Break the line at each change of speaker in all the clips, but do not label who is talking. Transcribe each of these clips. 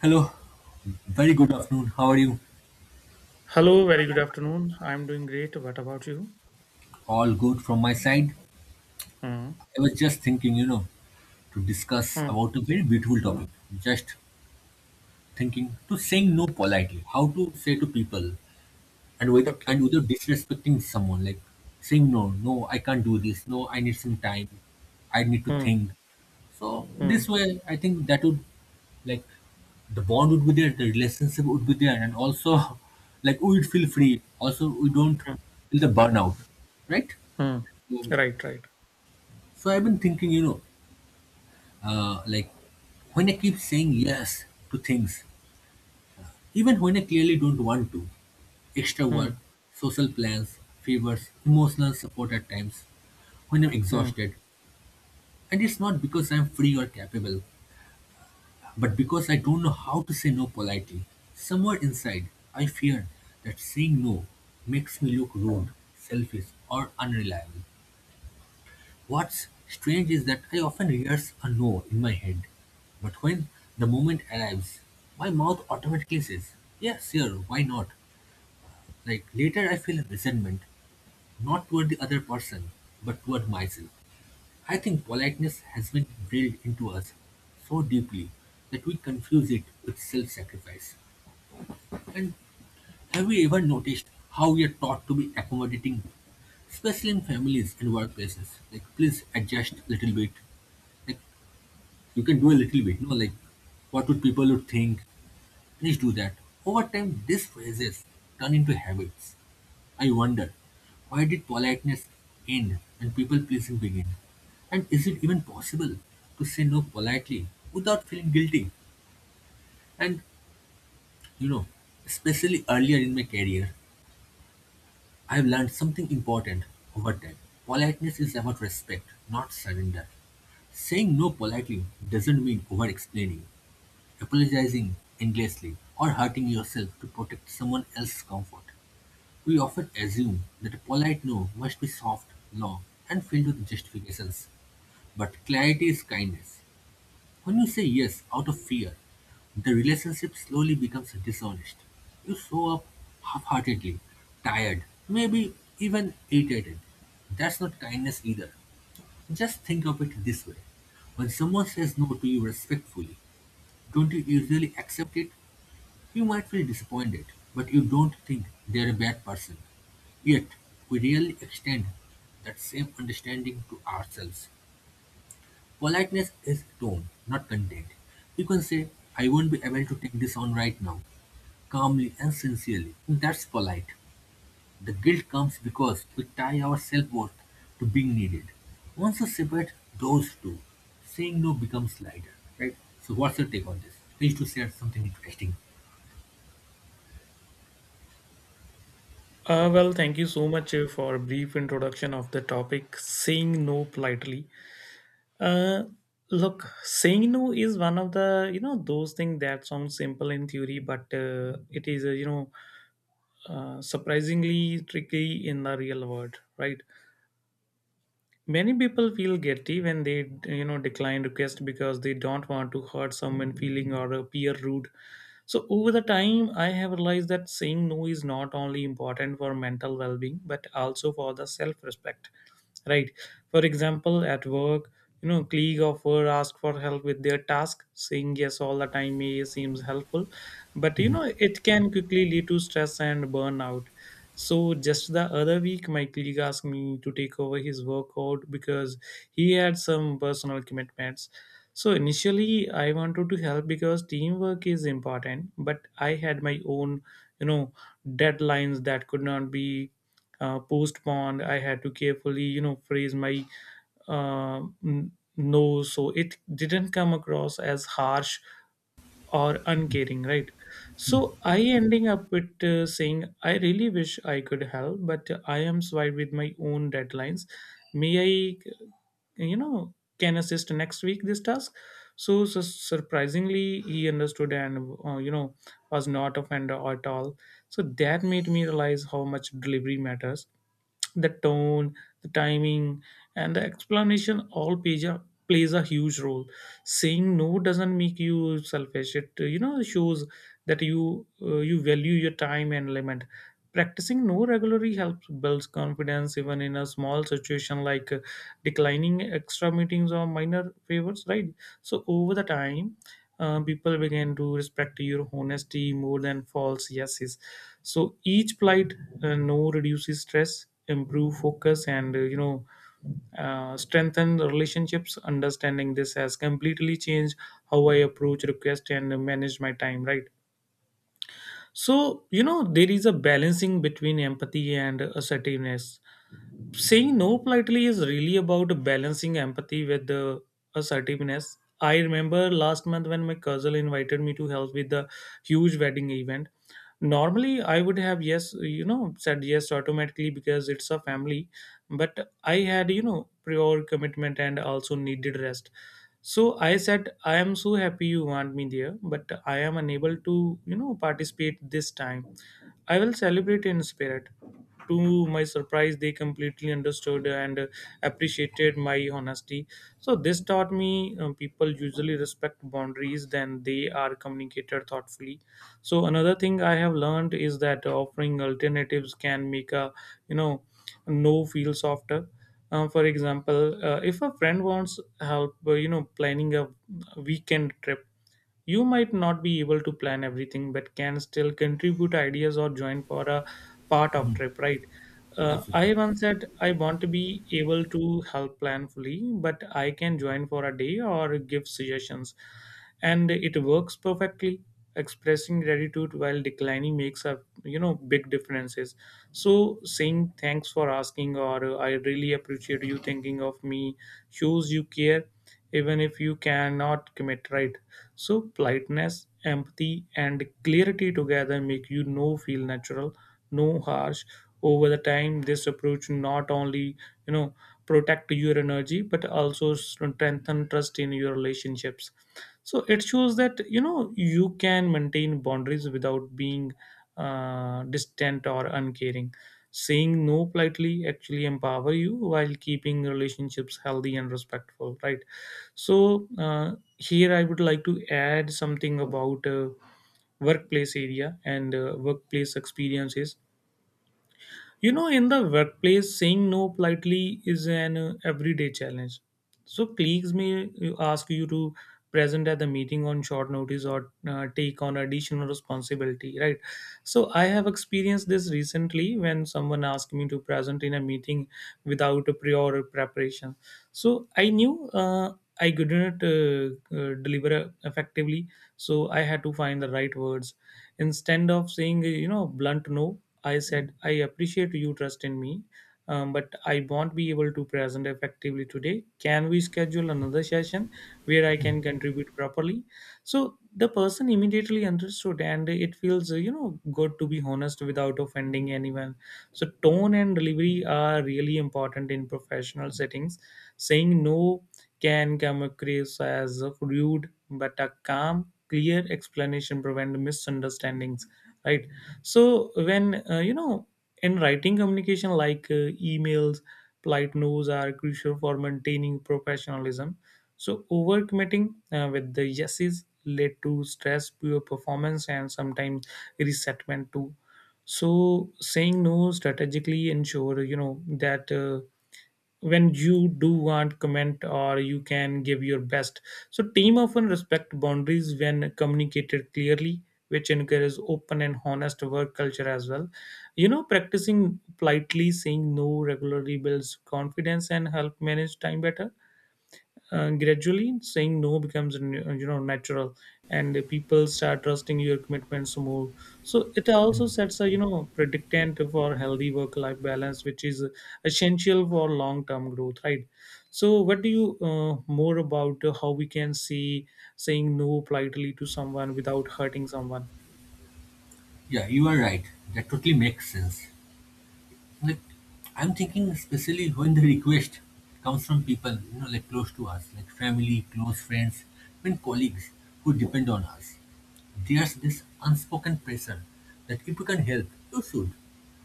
Hello, very good afternoon. How are you?
Hello, very good afternoon. I'm doing great. What about you?
All good from my side.
Hmm.
I was just thinking, to discuss
Hmm.
about a very beautiful topic. Just thinking to saying no politely, how to say to people, and with and
Okay.
without disrespecting someone, like saying no, no, I can't do this. No, I need some time. I need to
Hmm.
think. So
Hmm.
this way, I think that would like the bond would be there, the relationship would be there, and also like we would feel free. Also, we don't
Hmm.
feel the burnout, right?
Hmm.
Mm.
Right, right.
So I've been thinking, like when I keep saying yes to things, even when I clearly don't want to, extra
Hmm.
work, social plans, favors, emotional support at times, when I'm
Hmm.
exhausted, and it's not because I'm free or capable, but because I don't know how to say no politely. Somewhere inside, I fear that saying no makes me look rude,
Hmm.
selfish, or unreliable. What's strange is that I often rehearse a no in my head, but when the moment arrives, my mouth automatically says, yes, sure, why not? Like later, I feel resentment, not toward the other person, but toward myself. I think politeness has been drilled into us so deeply that we confuse it with self sacrifice. And have we ever noticed how we are taught to be accommodating, especially in families and workplaces? Like, please adjust a little bit. Like, you can do a little bit, like what would people would think. Please do that. Over time, these phrases turn into habits. I wonder, why did politeness end and people pleasing begin? And is it even possible to say no politely without feeling guilty? And you know, especially earlier in my career, I've learned something important over time. Politeness is about respect, not surrender. Saying no politely doesn't mean over explaining, apologizing endlessly, or hurting yourself to protect someone else's comfort. We often assume that a polite no must be soft, long, and filled with justifications. But clarity is kindness. When you say yes out of fear, the relationship slowly becomes dishonest. You show up half heartedly, tired, maybe even irritated. That's not kindness either. Just think of it this way: when someone says no to you respectfully, don't you usually accept it? You might feel disappointed, but you don't think they're a bad person. Yet, we really extend that same understanding to ourselves. Politeness is tone, not content. You can say, I won't be able to take this on right now, calmly and sincerely. That's polite. The guilt comes because we tie our self worth to being needed. Once you separate those two, saying no becomes lighter, right? So, what's your take on this? Please to share something interesting.
Well, thank you so much for a brief introduction of the topic saying no politely. Uh, look, saying no is one of the those things that sound simple in theory, but it is, surprisingly tricky in the real world, right? Many people feel guilty when they, decline requests because they don't want to hurt someone feeling or appear rude. So over the time, I have realized that saying no is not only important for mental well-being but also for the self-respect, right? For example, at work, you know, colleague of her ask for help with their task. Saying yes all the time may seems helpful, but you know, it can quickly lead to stress and burnout. So just the other week, my colleague asked me to take over his workload because he had some personal commitments. So initially I wanted to help because teamwork is important, but I had my own, you know, deadlines that could not be post bond. I had to carefully, you know, phrase my uh, no, so it didn't come across as harsh or uncaring, right? So I ending up with saying, I really wish I could help, but I am swayed with my own deadlines. May I, you know, can assist next week this task. So, surprisingly, he understood and was not offended at all. So that made me realize how much delivery matters. The tone, the timing, and the explanation all plays a huge role. Saying no doesn't make you selfish. It, you know, shows that you value your time and limit. Practicing no regularly helps builds confidence even in a small situation like, declining extra meetings or minor favors, right? So over the time, people begin to respect your honesty more than false yeses. So each polite, no reduces stress, improve focus, and strengthen the relationships. Understanding this has completely changed how I approach request and manage my time, right? So you know, there is a balancing between empathy and assertiveness. Saying no politely is really about balancing empathy with the assertiveness. I remember last month when my cousin invited me to help with the huge wedding event. Normally I would have said yes automatically because it's a family, but I had, you know, prior commitment and also needed rest. So I said, I am so happy you want me there, but I am unable to, you know, participate this time. I will celebrate in spirit. To my surprise, they completely understood and appreciated my honesty. So this taught me, people usually respect boundaries than they are communicated thoughtfully. So another thing I have learned is that, offering alternatives can make a, you know no feel softer. For example, if a friend wants help, planning a weekend trip, you might not be able to plan everything but can still contribute ideas or join for a part of trip, right?
Absolutely.
I once said, I want to be able to help plan fully, but I can join for a day or give suggestions, and it works perfectly. Expressing gratitude while declining makes a, big differences. So saying thanks for asking, or I really appreciate you thinking of me, shows you care even if you cannot commit, right? So politeness, empathy, and clarity together make you no feel natural, no harsh. Over the time, this approach not only, you know protect your energy but also strengthen trust in your relationships. So it shows that, you know, you can maintain boundaries without being distant or uncaring. Saying no politely actually empower you while keeping relationships healthy and respectful, right? So here I would like to add something about workplace area and workplace experiences. You know, in the workplace, saying no politely is an everyday challenge. So colleagues may ask you to present at the meeting on short notice, or take on additional responsibility, right? So I have experienced this recently when someone asked me to present in a meeting without a prior preparation. So I knew, I couldn't deliver effectively, so I had to find the right words instead of saying, you know, blunt no. I said, I appreciate you trust in me, but I won't be able to present effectively today. Can we schedule another session where I can contribute properly? So the person immediately understood, and it feels, good to be honest without offending anyone. So tone and delivery are really important in professional settings. Saying no can come across as rude, but a calm, clear explanation prevent misunderstandings, right? So when, in writing communication like emails, polite no's are crucial for maintaining professionalism. So overcommitting with the yeses led to stress, poor performance, and sometimes resentment too. So saying no strategically ensure, you know, that when you do want comment or you can give your best. So team often respect boundaries when communicated clearly, which encourages open and honest work culture as well. You know, practicing politely saying no regularly builds confidence and help manage time better. Gradually saying no becomes, natural, and people start trusting your commitments more. So it also sets a, predictant for healthy work life balance, which is essential for long term growth, right? So what do you more about how we can see saying no politely to someone without hurting someone.
Yeah, you are right. That totally makes sense. Like, I'm thinking, especially when the request comes from people, like close to us, like family, close friends, even colleagues who depend on us. There's this unspoken pressure that if you can help, you should.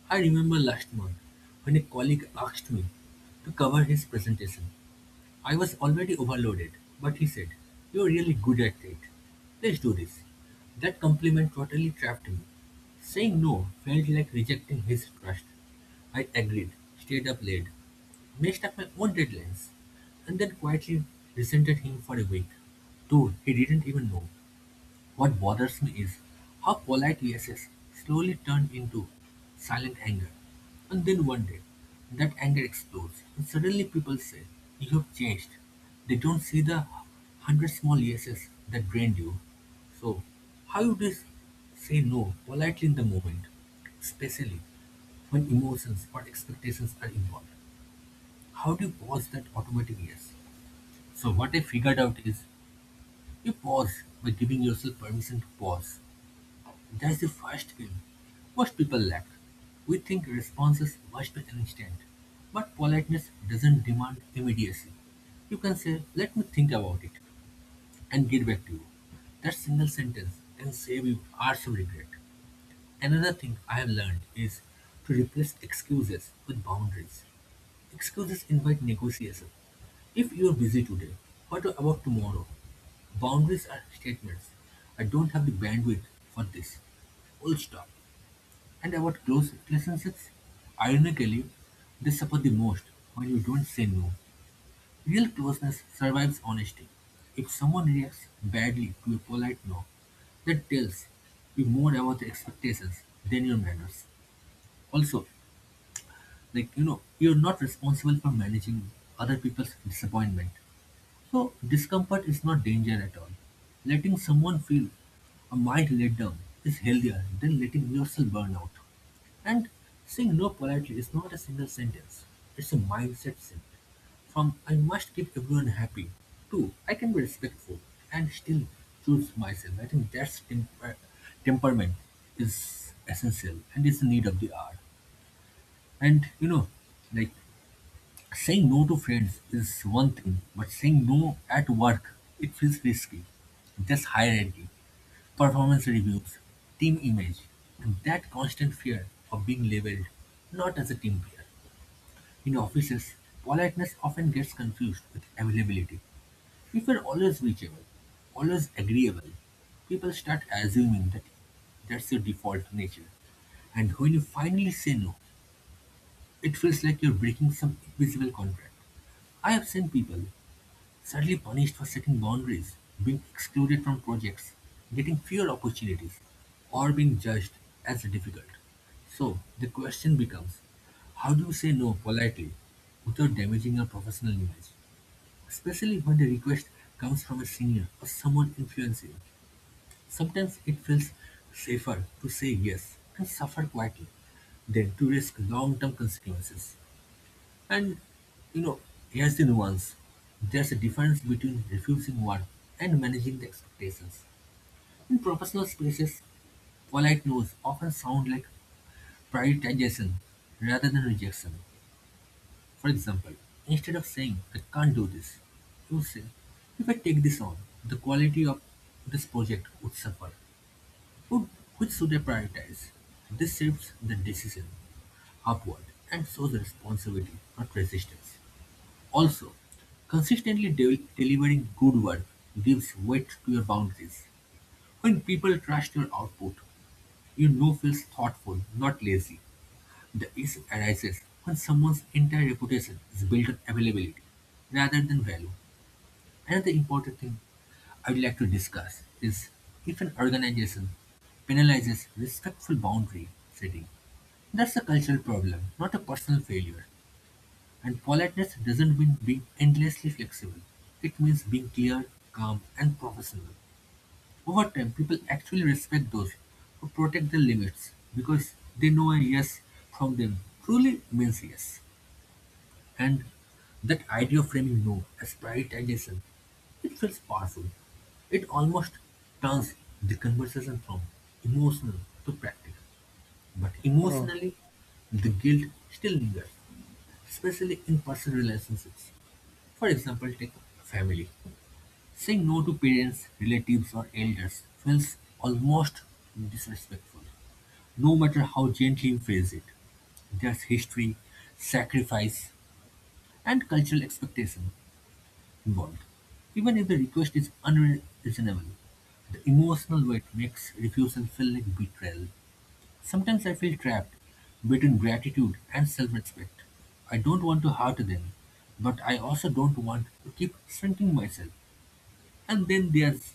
I remember last month when a colleague asked me to cover his presentation. I was already overloaded, but he said, you're really good at it. Let's do this. That compliment totally trapped me. Saying no felt like rejecting his trust. I agreed, stayed up late, messed up my own deadlines, and then quietly resented him for a week. Dude, he didn't even know. What bothers me is how polite yeses slowly turn into silent anger. And then one day, that anger explodes, and suddenly people say, you have changed. They don't see the hundred small yeses that drained you. So, how you just say no politely in the moment, especially when emotions or expectations are involved? How do you pause that automatic yes? So, what I figured out is you pause by giving yourself permission to pause. That's the first thing most people lack. We think responses must be instant, but politeness doesn't demand immediacy. You can say, let me think about it and get back to you. That single sentence can save you hours of regret. Another thing I have learned is to replace excuses with boundaries. Excuses invite negotiation. If you are busy today, what about tomorrow? Boundaries are statements. I don't have the bandwidth for this. Full stop. And about close relationships, ironically, they suffer the most when you don't say no. Real closeness survives honesty. If someone reacts badly to a polite no, that tells you more about their expectations than your manners. Also, like you're not responsible for managing other people's disappointment. So, discomfort is not danger at all. Letting someone feel a mild letdown is healthier than letting yourself burn out. And saying no politely is not a single sentence, it's a mindset shift. From I must keep everyone happy to I can be respectful and still choose myself. I think that's temperament is essential and is the need of the hour. And like, saying no to friends is one thing, but saying no at work, it feels risky. There's hierarchy, performance reviews, team image, and that constant fear of being labeled not as a team player. In offices, politeness often gets confused with availability. If you're always reachable, always agreeable, people start assuming that that's your default nature. And when you finally say no, it feels like you're breaking some invisible contract. I have seen people sadly punished for setting boundaries, being excluded from projects, getting fewer opportunities, or being judged as difficult. So the question becomes, how do you say no politely without damaging your professional image, especially when the request comes from a senior or someone influencing? Sometimes it feels safer to say yes and suffer quietly than to risk long-term consequences. And you know, here's the nuance. There's a difference between refusing work and managing the expectations. In professional spaces, polite no's often sound like prioritization rather than rejection. For example, instead of saying, I can't do this, you say, if I take this on, the quality of this project would suffer. Would- Which should I prioritize? This shifts the decision upward and shows responsibility, not resistance. Also, consistently delivering good work gives weight to your boundaries. When people trust your output, feels thoughtful, not lazy. The issue arises when someone's entire reputation is built on availability rather than value. Another important thing I would like to discuss is if an organization penalizes respectful boundary setting. That's a cultural problem, not a personal failure. And politeness doesn't mean being endlessly flexible. It means being clear, calm, and professional. Over time, people actually respect those who protect their limits because they know a yes from them truly means yes. And that idea of framing no as prioritization, it feels powerful. It almost turns the conversation from emotional to practical. But
Hmm.
emotionally, the guilt still lingers, especially in personal relationships. For example, take family. Saying no to parents, relatives, or elders feels almost disrespectful, no matter how gently you phrase it. There's history, sacrifice, and cultural expectation involved. Even if the request is unreasonable, the emotional weight makes refusal feel like betrayal. Sometimes I feel trapped between gratitude and self respect. I don't want to hurt them, but I also don't want to keep shrinking myself. And then there's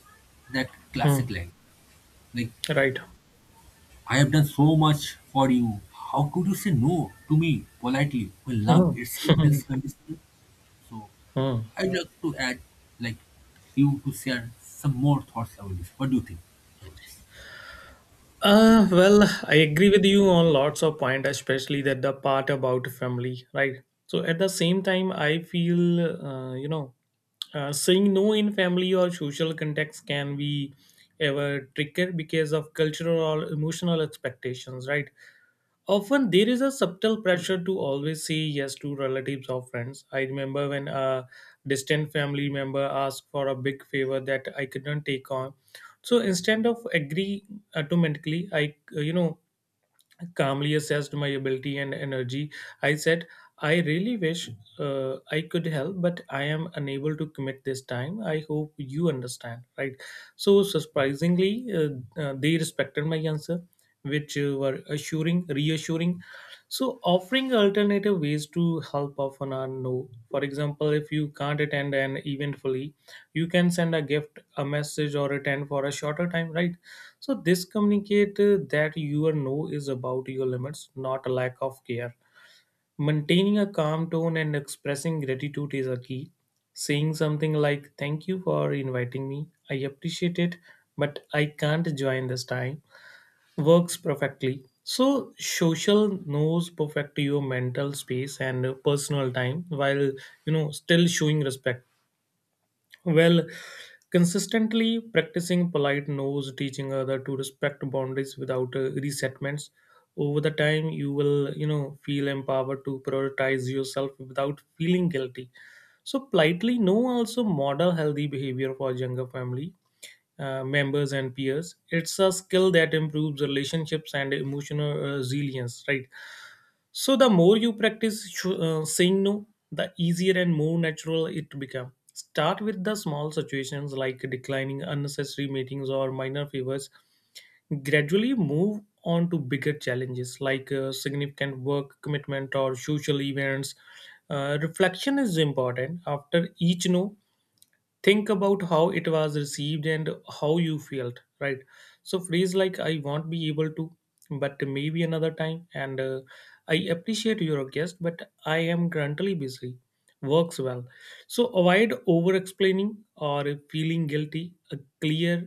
that classic
Hmm.
line, like,
Right.
I have done so much for you. How could you say no to me politely when love itself
Hmm.
feels conditional? So
Hmm.
I'd like to add, like, you to share some more thoughts about this. What do you think about this?
Well, I agree with you on lots of point, especially that the part about family, right? So at the same time, I feel, saying no in family or social context can be ever trickier because of cultural or emotional expectations, right? Often there is a subtle pressure to always say yes to relatives or friends. I remember when a distant family member asked for a big favor that I could not take on. So instead of agree automatically, I, calmly assessed my ability and energy. I said, I really wish I could help, but I am unable to commit this time. I hope you understand, right? So surprisingly, they respected my answer, which, were reassuring. So offering alternative ways to help often are no. For example, if you can't attend an event fully, you can send a gift, a message, or attend for a shorter time, right? So this communicate, that your no is about your limits, not a lack of care. Maintaining a calm tone and expressing gratitude is a key. Saying something like, "Thank you for inviting me. I appreciate it, but I can't join this time," works perfectly. So social knows perfect your mental space and personal time while, you know, still showing respect. Well, consistently practicing polite no's, teaching other to respect boundaries without resentments. Over the time, you will, you know, feel empowered to prioritize yourself without feeling guilty. So politely no also model healthy behavior for younger family members and peers. It's a skill that improves relationships and emotional resilience, right? So the more you practice, saying no, the easier and more natural it becomes. Start with the small situations like declining unnecessary meetings or minor favors. Gradually move on to bigger challenges like, significant work commitment or social events. Reflection is important. After each no, think about how it was received and how you felt, right? So phrase like, I won't be able to, but maybe another time, and I appreciate your guest but I am currently busy, works well. So avoid over explaining or feeling guilty. A clear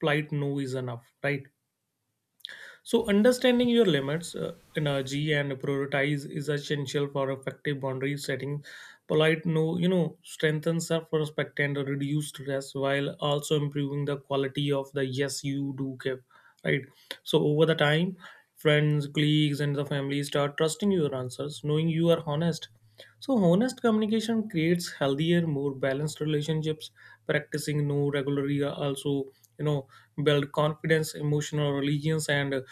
polite no is enough, right? So understanding your limits, energy, and prioritize is essential for effective boundary setting. Polite no, you know, strengthens self-respect and reduce stress while also improving the quality of the yes you do give. Right. So over the time, friends, colleagues, and the family start trusting your answers, knowing you are honest. So honest communication creates healthier, more balanced relationships. Practicing no regularly also, you know, build confidence, emotional reliance, and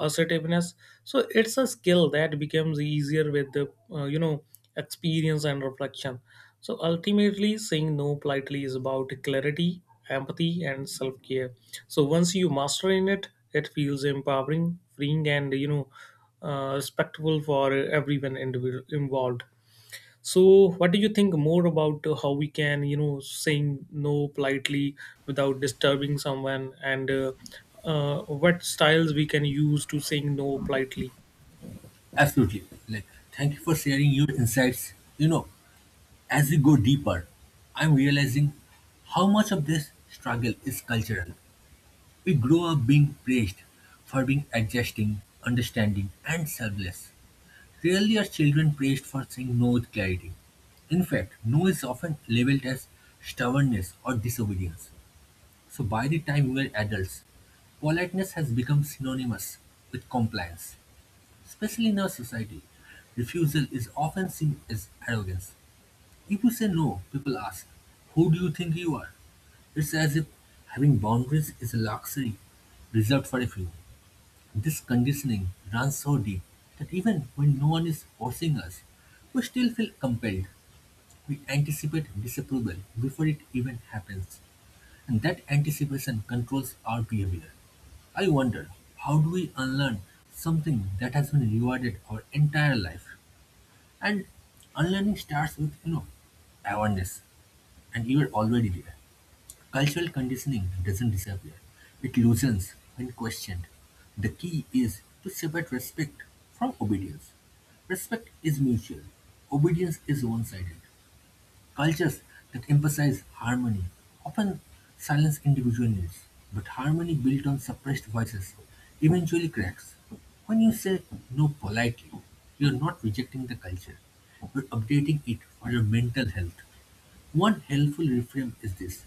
assertiveness. So it's a skill that becomes easier with the, experience and reflection. So ultimately, saying no politely is about clarity, empathy, and self-care. So once you master in it, it feels empowering, freeing, and, respectful for everyone involved. So what do you think more about how we can, you know, saying no politely without disturbing someone, and what styles we can use to saying no politely?
Absolutely. Like, thank you for sharing your insights. As we go deeper, I'm realizing how much of this struggle is cultural. We grow up being praised for being adjusting, understanding, and selfless. Rarely are children praised for saying no with clarity. In fact, no is often labeled as stubbornness or disobedience. So by the time we were adults, politeness has become synonymous with compliance. Especially in our society, refusal is often seen as arrogance. If you say no, people ask, who do you think you are? It's as if having boundaries is a luxury reserved for a few. This conditioning runs so deep that even when no one is forcing us, we still feel compelled. We anticipate disapproval before it even happens, and that anticipation controls our behavior. I wonder, how do we unlearn something that has been rewarded our entire life? And unlearning starts with awareness, and you are already there. Cultural conditioning doesn't disappear, it loosens when questioned. The key is to separate respect from obedience. Respect is mutual, obedience is one sided. Cultures that emphasize harmony often silence individual needs, but harmony built on suppressed voices eventually cracks. When you say no politely, you're not rejecting the culture, you're updating it for your mental health. One helpful reframe is this: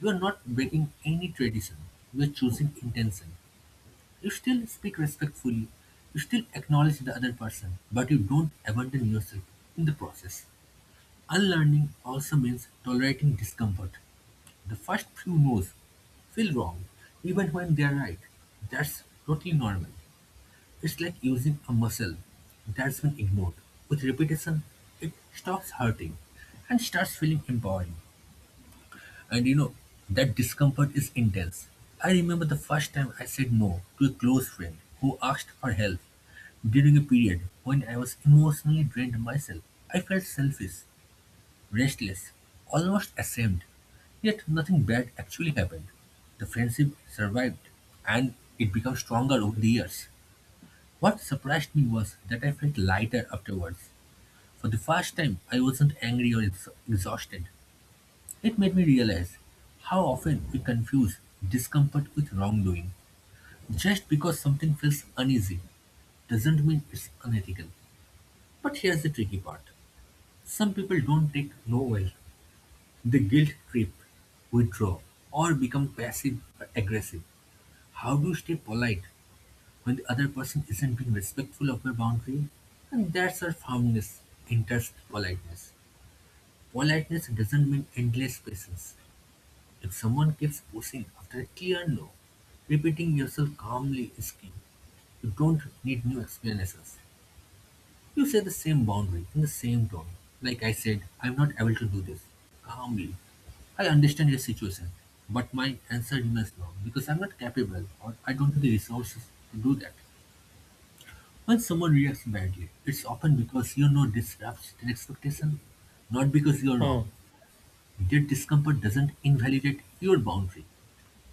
you are not breaking any tradition. You are choosing intention. You still speak respectfully. You still acknowledge the other person, but you don't abandon yourself in the process. Unlearning also means tolerating discomfort. The first few no's feel wrong, even when they are right. That's totally normal. It's like using a muscle that's been ignored. With repetition, it stops hurting and starts feeling empowering. And that discomfort is intense. I remember the first time I said no to a close friend who asked for help during a period when I was emotionally drained myself. I felt selfish, restless, almost ashamed. Yet nothing bad actually happened. The friendship survived and it became stronger over the years. What surprised me was that I felt lighter afterwards. For the first time, I wasn't angry or exhausted. It made me realize how often we confuse discomfort with wrongdoing. Just because something feels uneasy doesn't mean it's unethical. But here's the tricky part: some people don't take no well, they guilt trip, withdraw, or become passive or aggressive. How do you stay polite when the other person isn't being respectful of your boundary? And that's our firmness enters politeness. Politeness doesn't mean endless patience. If someone keeps pushing after a clear no, repeating yourself calmly is key. You don't need new explanations. You say the same boundary in the same tone. Like I said, I'm not able to do this, calmly. I understand your situation, but my answer remains no because I'm not capable or I don't have the resources to do that. When someone reacts badly, it's often because your no disrupts their expectation, not because you're wrong.
Hmm.
Their discomfort doesn't invalidate your boundary.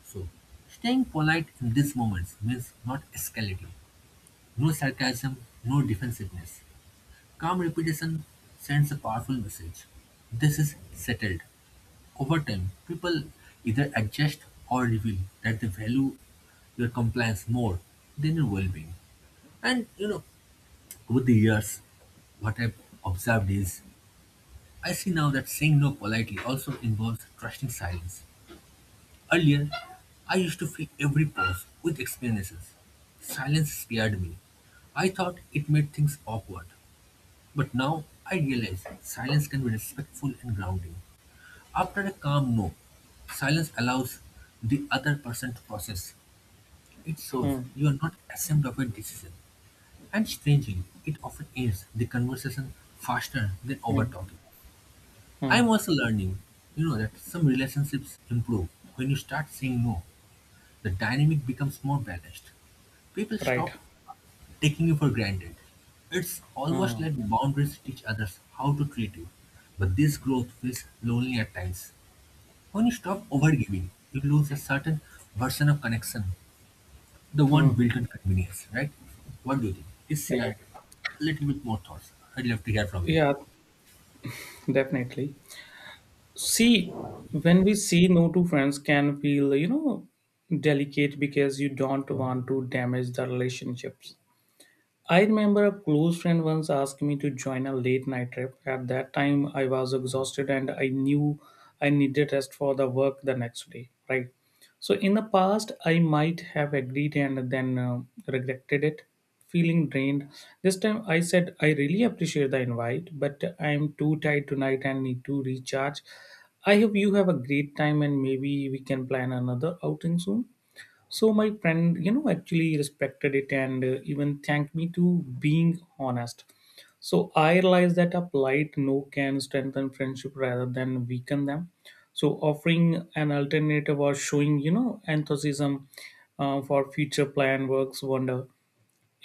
So, staying polite in these moments means not escalating, no sarcasm, no defensiveness. Calm repetition sends a powerful message. This is settled. Over time, people either adjust or reveal that they value your compliance more than your well-being. And over the years, what I've observed is I see now that saying no politely also involves trusting silence. Earlier, I used to fill every pause with explanations. Silence scared me. I thought it made things awkward. But now I realize silence can be respectful and grounding. After a calm no, silence allows the other person to process. It shows
Hmm.
you are not ashamed of your decision. And strangely, it often ends the conversation faster than over
Hmm.
talking.
Hmm.
I'm also learning, that some relationships improve when you start saying no, the dynamic becomes more balanced. People
Right.
stop taking you for granted. It's
Hmm.
almost
Hmm.
like boundaries teach others how to treat you. But this growth feels lonely at times. When you stop overgiving, you lose a certain version of connection, the one
Hmm.
built on convenience, right? What do you think? Please share
Right.
a little bit more thoughts. I'd love to hear from you.
Yeah, definitely. See, when we say no to friends can feel, delicate because you don't want to damage the relationships. I remember a close friend once asked me to join a late night trip. At that time, I was exhausted and I knew I needed rest for the work the next day, right? So, in the past, I might have agreed and then regretted it, feeling drained. This time, I said, I really appreciate the invite, but I am too tired tonight and need to recharge. I hope you have a great time and maybe we can plan another outing soon. So my friend actually respected it, and even thanked me to being honest. So I realized that a polite no can strengthen friendship rather than weaken them. So offering an alternative or showing enthusiasm for future plan works wonder.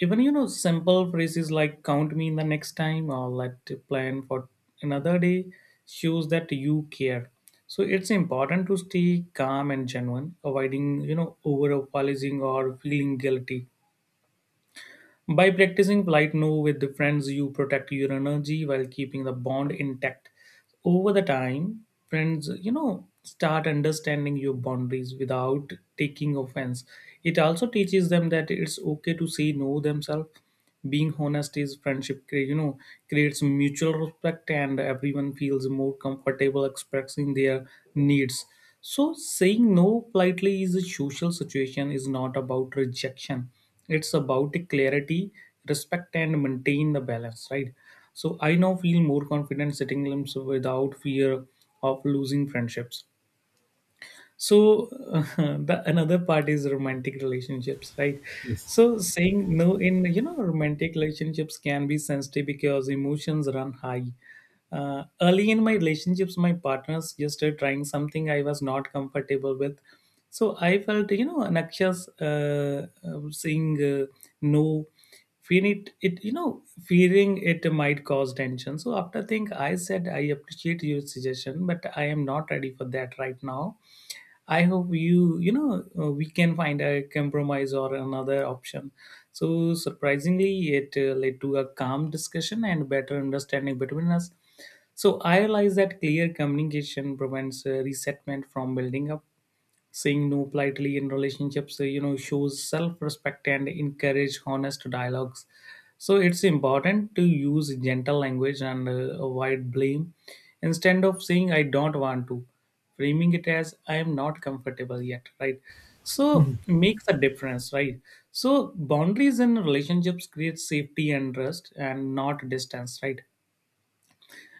Even simple phrases like count me in the next time or let plan for another day shows that you care. So it's important to stay calm and genuine, avoiding over apologizing or feeling guilty. By practicing polite no with the friends, you protect your energy while keeping the bond intact. Over the time, friends, start understanding your boundaries without taking offense. It also teaches them that it's okay to say no themselves. Being honest is friendship, creates mutual respect and everyone feels more comfortable expressing their needs. So saying no politely is a social situation is not about rejection, it's about the clarity, respect and maintain the balance, right? So I now feel more confident setting limits without fear of losing friendships. So the another part is romantic relationships, right?
Yes.
So saying no in romantic relationships can be sensitive because emotions run high. Early in my relationships my partners just trying something I was not comfortable with. So I felt anxious, saying no, fear it, it you know fearing it might cause tension. So after think I said, I appreciate your suggestion but I am not ready for that right now. I hope you, we can find a compromise or another option. So, surprisingly, it led to a calm discussion and better understanding between us. So, I realized that clear communication prevents resentment from building up. Saying no politely in relationships shows self-respect and encourage honest dialogues. So it's important to use gentle language and avoid blame. Instead of saying I don't want to, framing it as I am not comfortable yet, right? So makes a difference, right? So boundaries in relationships create safety and trust and not distance, right?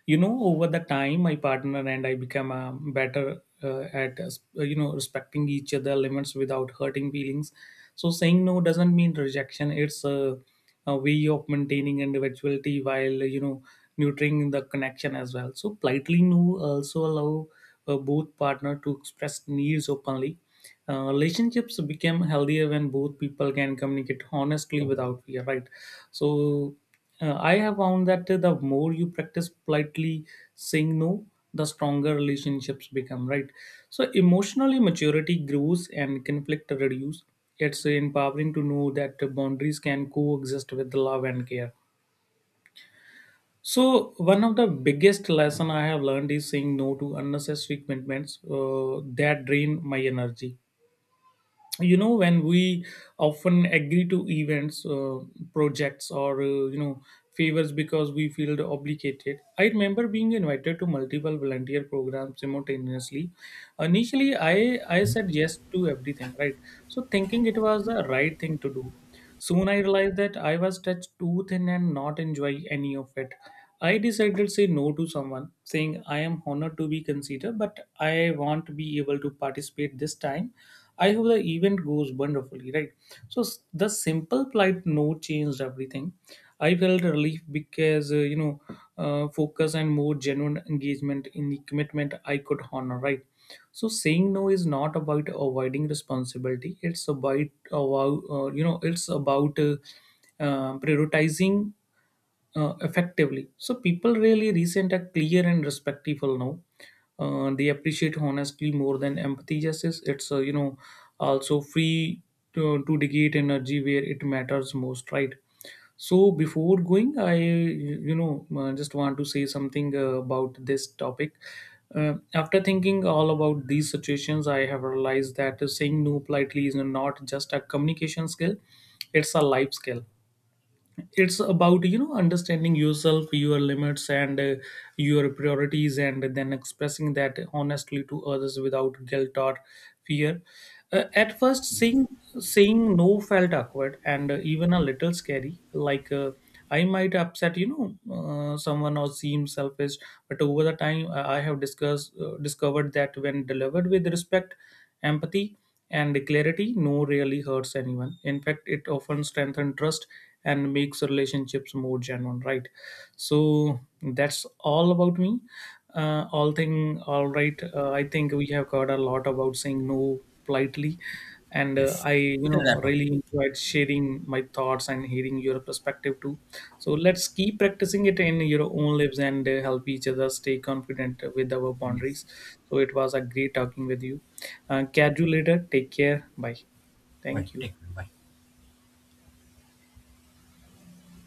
over the time my partner and I became better at, respecting each other limits without hurting feelings. So saying no doesn't mean rejection, it's a way of maintaining individuality while nurturing the connection as well. So politely no also allow both partner to express needs openly. Relationships become healthier when both people can communicate honestly without fear, right? So I have found that the more you practice politely saying no, the stronger relationships become, right? So emotionally maturity grows and conflict reduce. It's empowering to know that boundaries can coexist with love and care. So one of the biggest lesson I have learned is saying no to unnecessary commitments that drain my energy. When we often agree to events, projects or favors because we feel obligated. I remember being invited to multiple volunteer programs simultaneously. Initially I said yes to everything, right? So thinking it was the right thing to do. Soon I realized that I was stretched too thin and not enjoy any of it. I decided to say no to someone, saying I am honored to be considered, but I want to be able to participate this time. I hope the event goes wonderfully, right? The simple polite no changed everything. I felt relief because focus and more genuine engagement in the commitment I could honor, right? So saying no is not about avoiding responsibility, it's about it's about prioritizing effectively. So people really recent are clear and respectful now. They appreciate honestly more than empathy justice. It's also free to dedicate energy where it matters most, right? So before going, I just want to say something about this topic. After thinking all about these situations, I have realized that saying no politely is not just a communication skill; it's a life skill. It's about understanding yourself, your limits and your priorities, and then expressing that honestly to others without guilt or fear. At first saying no felt awkward and even a little scary, like I might upset someone or seem selfish. But over the time I have discussed discovered that when delivered with respect, empathy and clarity, no really hurts anyone. In fact, it often strengthens trust and makes relationships more genuine, right? So that's all about me. All thing, all right. I think we have covered a lot about saying no politely, and uh,
Yes.
i you
We can
know
wrap up.
really
Yeah.
enjoyed sharing my thoughts and hearing your perspective too. So let's keep practicing it in your own lives and help each other stay confident with our
Yes.
boundaries. So it was a great talking with you. Catch you later, take care, bye.
Bye.
Thank you.
Take care. Bye.